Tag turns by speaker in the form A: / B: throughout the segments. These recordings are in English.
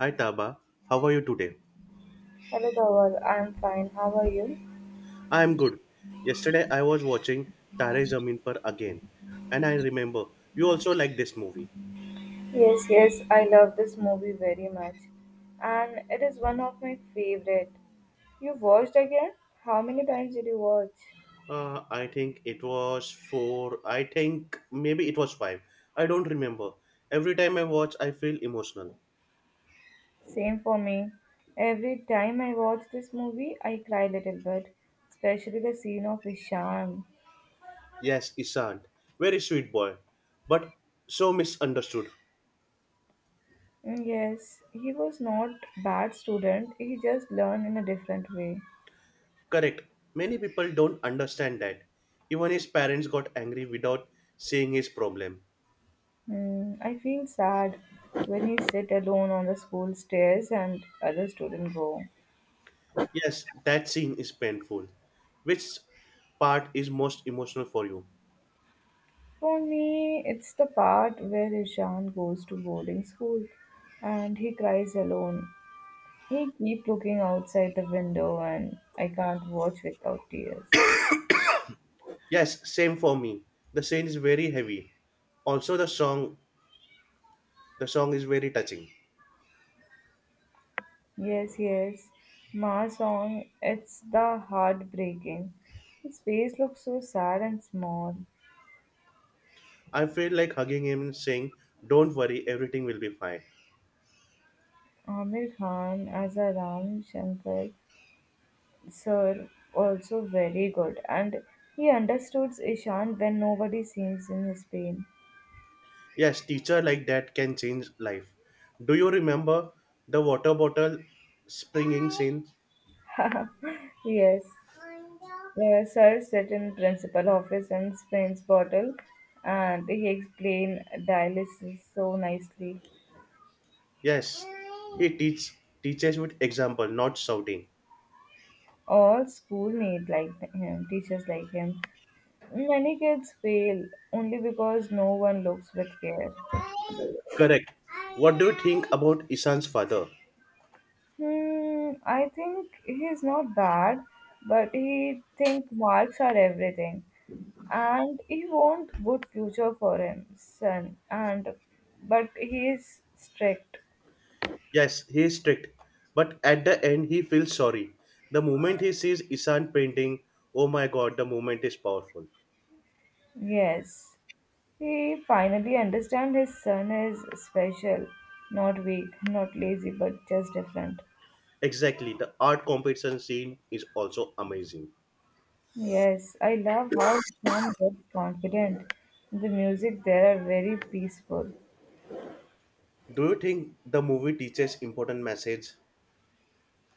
A: Hi Taba, how are you today?
B: Hello Dhaval, I'm fine. How are you?
A: I am good. Yesterday I was watching Tare Zameen Par again, and I remember you also like this movie.
B: Yes, yes, I love this movie very much. And it is one of my favorite. You watched again? How many times did you watch?
A: I think it was four. I think maybe it was five. I don't remember. Every time I watch, I feel emotional.
B: Same for me. Every time I watch this movie, I cry a little bit, especially the scene of Visham.
A: Yes, Isant, very sweet boy, but so misunderstood.
B: Yes, he was not bad student. He just learned in a different way.
A: Correct. Many people don't understand that. Even his parents got angry without seeing his problem.
B: I feel sad when he sit alone on the school stairs and other students go.
A: Yes, that scene is painful. Which part is most emotional for you?
B: For me, it's the part where Ishan goes to boarding school and he cries alone. He keep looking outside the window and I can't watch without tears.
A: Yes, same for me. The scene is very heavy. Also the song is very touching.
B: Yes, yes. Ma song, it's the heartbreaking. His face looks so sad and small.
A: I feel like hugging him and saying, Don't worry, everything will be fine.
B: Amir Khan as a Ram Shankar sir also very good and he understood Ishan when nobody seems in his pain.
A: Yes, teacher like that can change life. Do you remember the water bottle springing scene?
B: Yes. Sir sat in principal office and Spain's bottle, and he explained dialysis so nicely.
A: Yes. He teaches with example, not shouting.
B: All school need like him, teachers like him. Many kids fail only because no one looks with care.
A: Correct. What do you think about Isan's father?
B: I think he's not bad, but he think marks are everything, and he want good future for him, son. And but he is strict.
A: Yes, he is strict, but at the end he feels sorry. The moment he sees Isan painting, oh my god, the moment is powerful.
B: Yes, he finally understands his son is special, not weak, not lazy, but just different.
A: Exactly, the art competition scene is also amazing.
B: Yes, I love how Sean gets confident. The music there are very peaceful.
A: Do you think the movie teaches important message?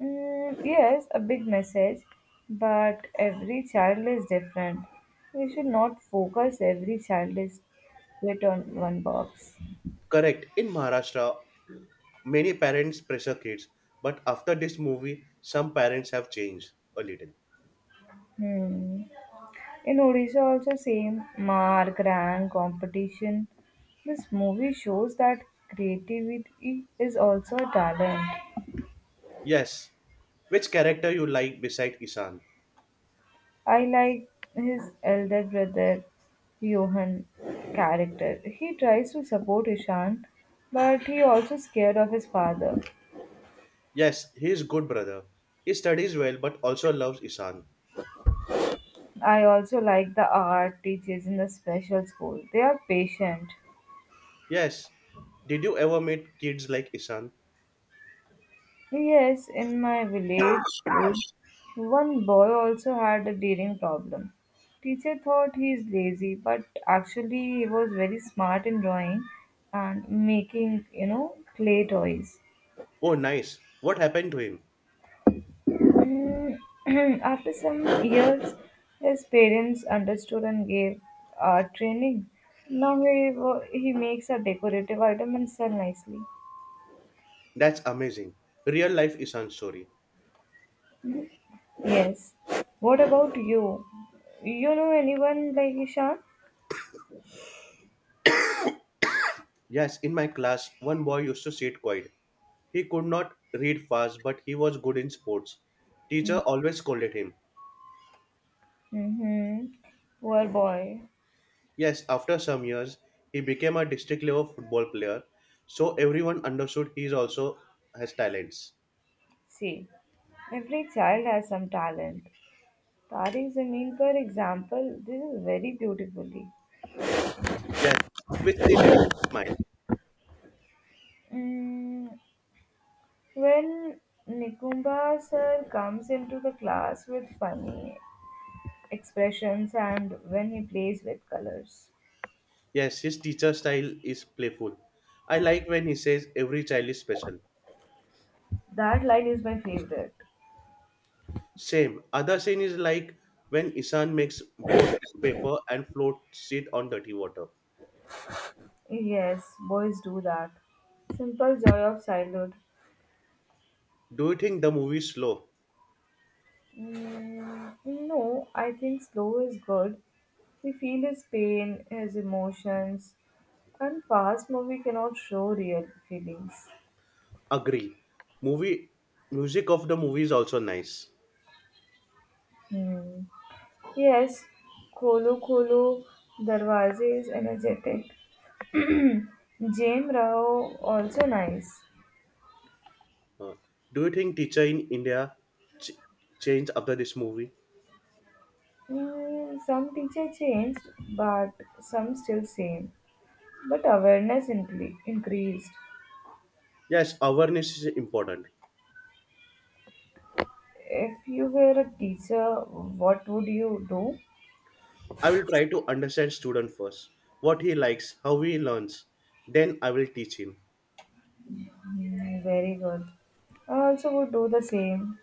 B: Yes, a big message, but every child is different. We should not focus every child is fit on one box.
A: Correct. In Maharashtra, many parents pressure kids, but after this movie, some parents have changed a little.
B: Hmm. In Odisha, also same mark, rank, competition. This movie shows that creativity is also a talent.
A: Yes. Which character you like beside Isan?
B: I like his elder brother Johan character. He tries to support Ishan, but he also scared of his father.
A: Yes, he is good brother. He studies well but also loves Isan.
B: I also like the art teachers in the special school. They are patient.
A: Yes. Did you ever meet kids like Isan?
B: Yes, in my village school, one boy also had a reading problem. Teacher thought he is lazy, but actually he was very smart in drawing and making, clay toys.
A: Oh nice. What happened to him?
B: Mm, After some years, his parents understood and gave training. Now he makes a decorative item and sell nicely.
A: That's amazing. Real life Isan story.
B: Yes. What about you? You know anyone like Ishan?
A: Yes, in my class one boy used to sit quiet. He could not read fast but he was good in sports. Teacher always scolded him.
B: Mm-hmm. Poor boy.
A: Yes, after some years he became a district level football player. So everyone understood he is also has talents.
B: See, every child has some talent. Tariq Zameen, for example, this is very beautifully.
A: Yes, which scene makes you smile?
B: Mm, when Nikumba sir comes into the class with funny expressions and when he plays with colors,
A: Yes, his teacher style is playful. I like when he says every child is special.
B: that line is my favorite.
A: Same. Other scene is like when Isan makes boat from paper and floats it on dirty water.
B: Yes, boys do that. Simple joy of childhood.
A: Do you think the movie is slow?
B: No, I think slow is good. We feel his pain, his emotions, and fast movie cannot show real feelings.
A: Agree. Movie music of the movie is also nice.
B: Hmm. Yes, Kholo Kholo Darwaze is energetic. James Rao also nice.
A: Uh, do you think teacher in India ch- changed after this movie?
B: Some teacher changed, but some still same. But increased.
A: Yes, awareness is important.
B: If you were a teacher, what would you do?
A: I will try to understand student first, what he likes, how he learns. Then I will teach him.
B: Mm. Very good. I also would do the same.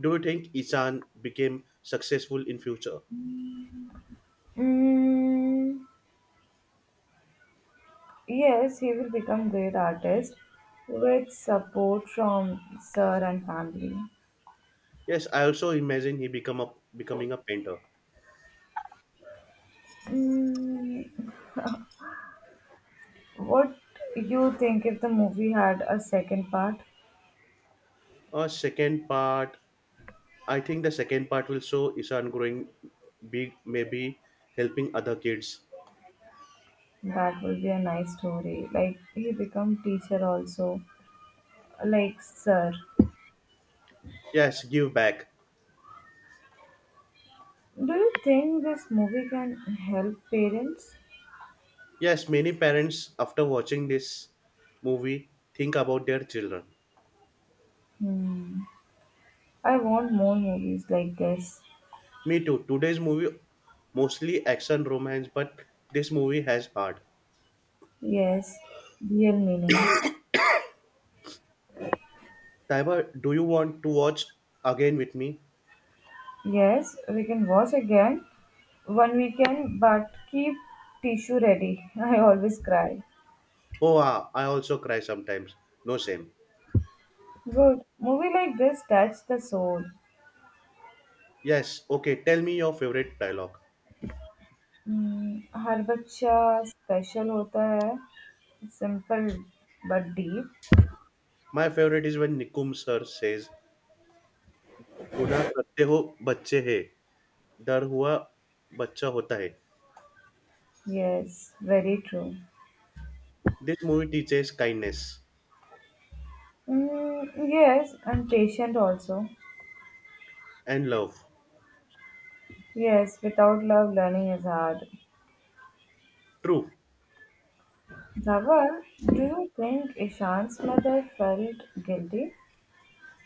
A: Do you think Isan became successful in future?
B: Mm, yes, he will become great artist with support from sir and family.
A: Yes, I also imagine he become a becoming a painter.
B: Mm, what you think if the movie had a second part?
A: A second part, I think the second part will show Isan growing big, maybe helping other kids.
B: That will be a nice story. Like he become teacher also, like sir.
A: Yes, give back.
B: Do you think this movie can help parents?
A: Yes, many parents after watching this movie think about their children.
B: Hmm. I want more movies like this.
A: Me too. Today's movie mostly action romance, but this movie has heart.
B: Yes, real meaning.
A: Taiba, do you want to watch again with me?
B: Yes, we can wash again one weekend, but keep tissue ready. I always cry.
A: Oh, ah, I also cry sometimes. No shame.
B: Good. Movie like this touch the soul.
A: Yes, okay, tell me your favorite dialogue.
B: हर बच्चा special होता है simple but deep
A: My favorite is when Nikum sir says, गुना करते हो बच्चे है डर हुआ बच्चा होता है.
B: Yes very true
A: This movie teaches kindness
B: yes and patient also
A: and love.
B: Yes without love learning is hard.
A: True.
B: Zava, do you think Ishan's mother felt guilty?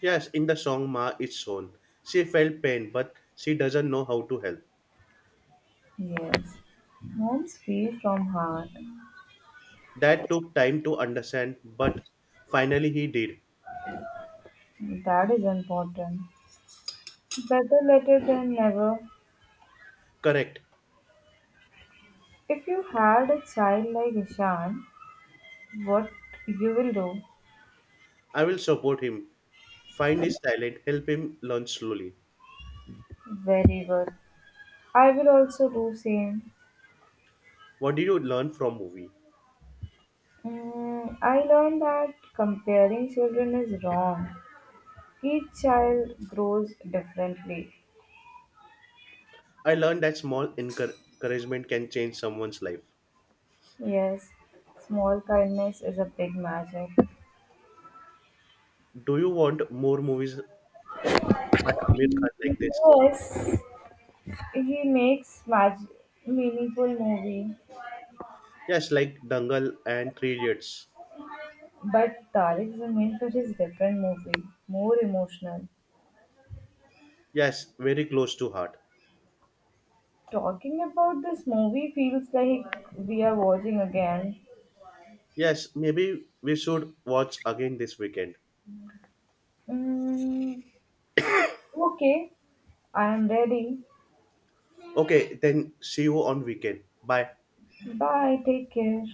A: Yes. In the song, Ma is shown. She felt pain, but she doesn't know how to help.
B: Yes, home's free from heart.
A: That took time to understand, but finally he did.
B: That is important. Better later than never.
A: Correct.
B: If you had a child like Ishan, what you will do?
A: I will support him, find his talent, help him learn slowly.
B: Very good. I will also do same.
A: What did you learn from movie?
B: I learned that comparing children is wrong. Each child grows differently.
A: I learned that small encouragement can change someone's life.
B: Yes, small kindness is a big magic.
A: Do you want more movies by Amir Khan like this?
B: Yes. He makes meaningful movie,
A: Yes, like Dangal and Three Idiots.
B: but Tariq's Zameen Par is different movie, more emotional.
A: Yes, very close to heart.
B: Talking about this movie feels like we are watching again.
A: Yes, maybe we should watch again this weekend.
B: Mm, okay, I am ready.
A: Okay, then see you on weekend. Bye.
B: Bye, take care.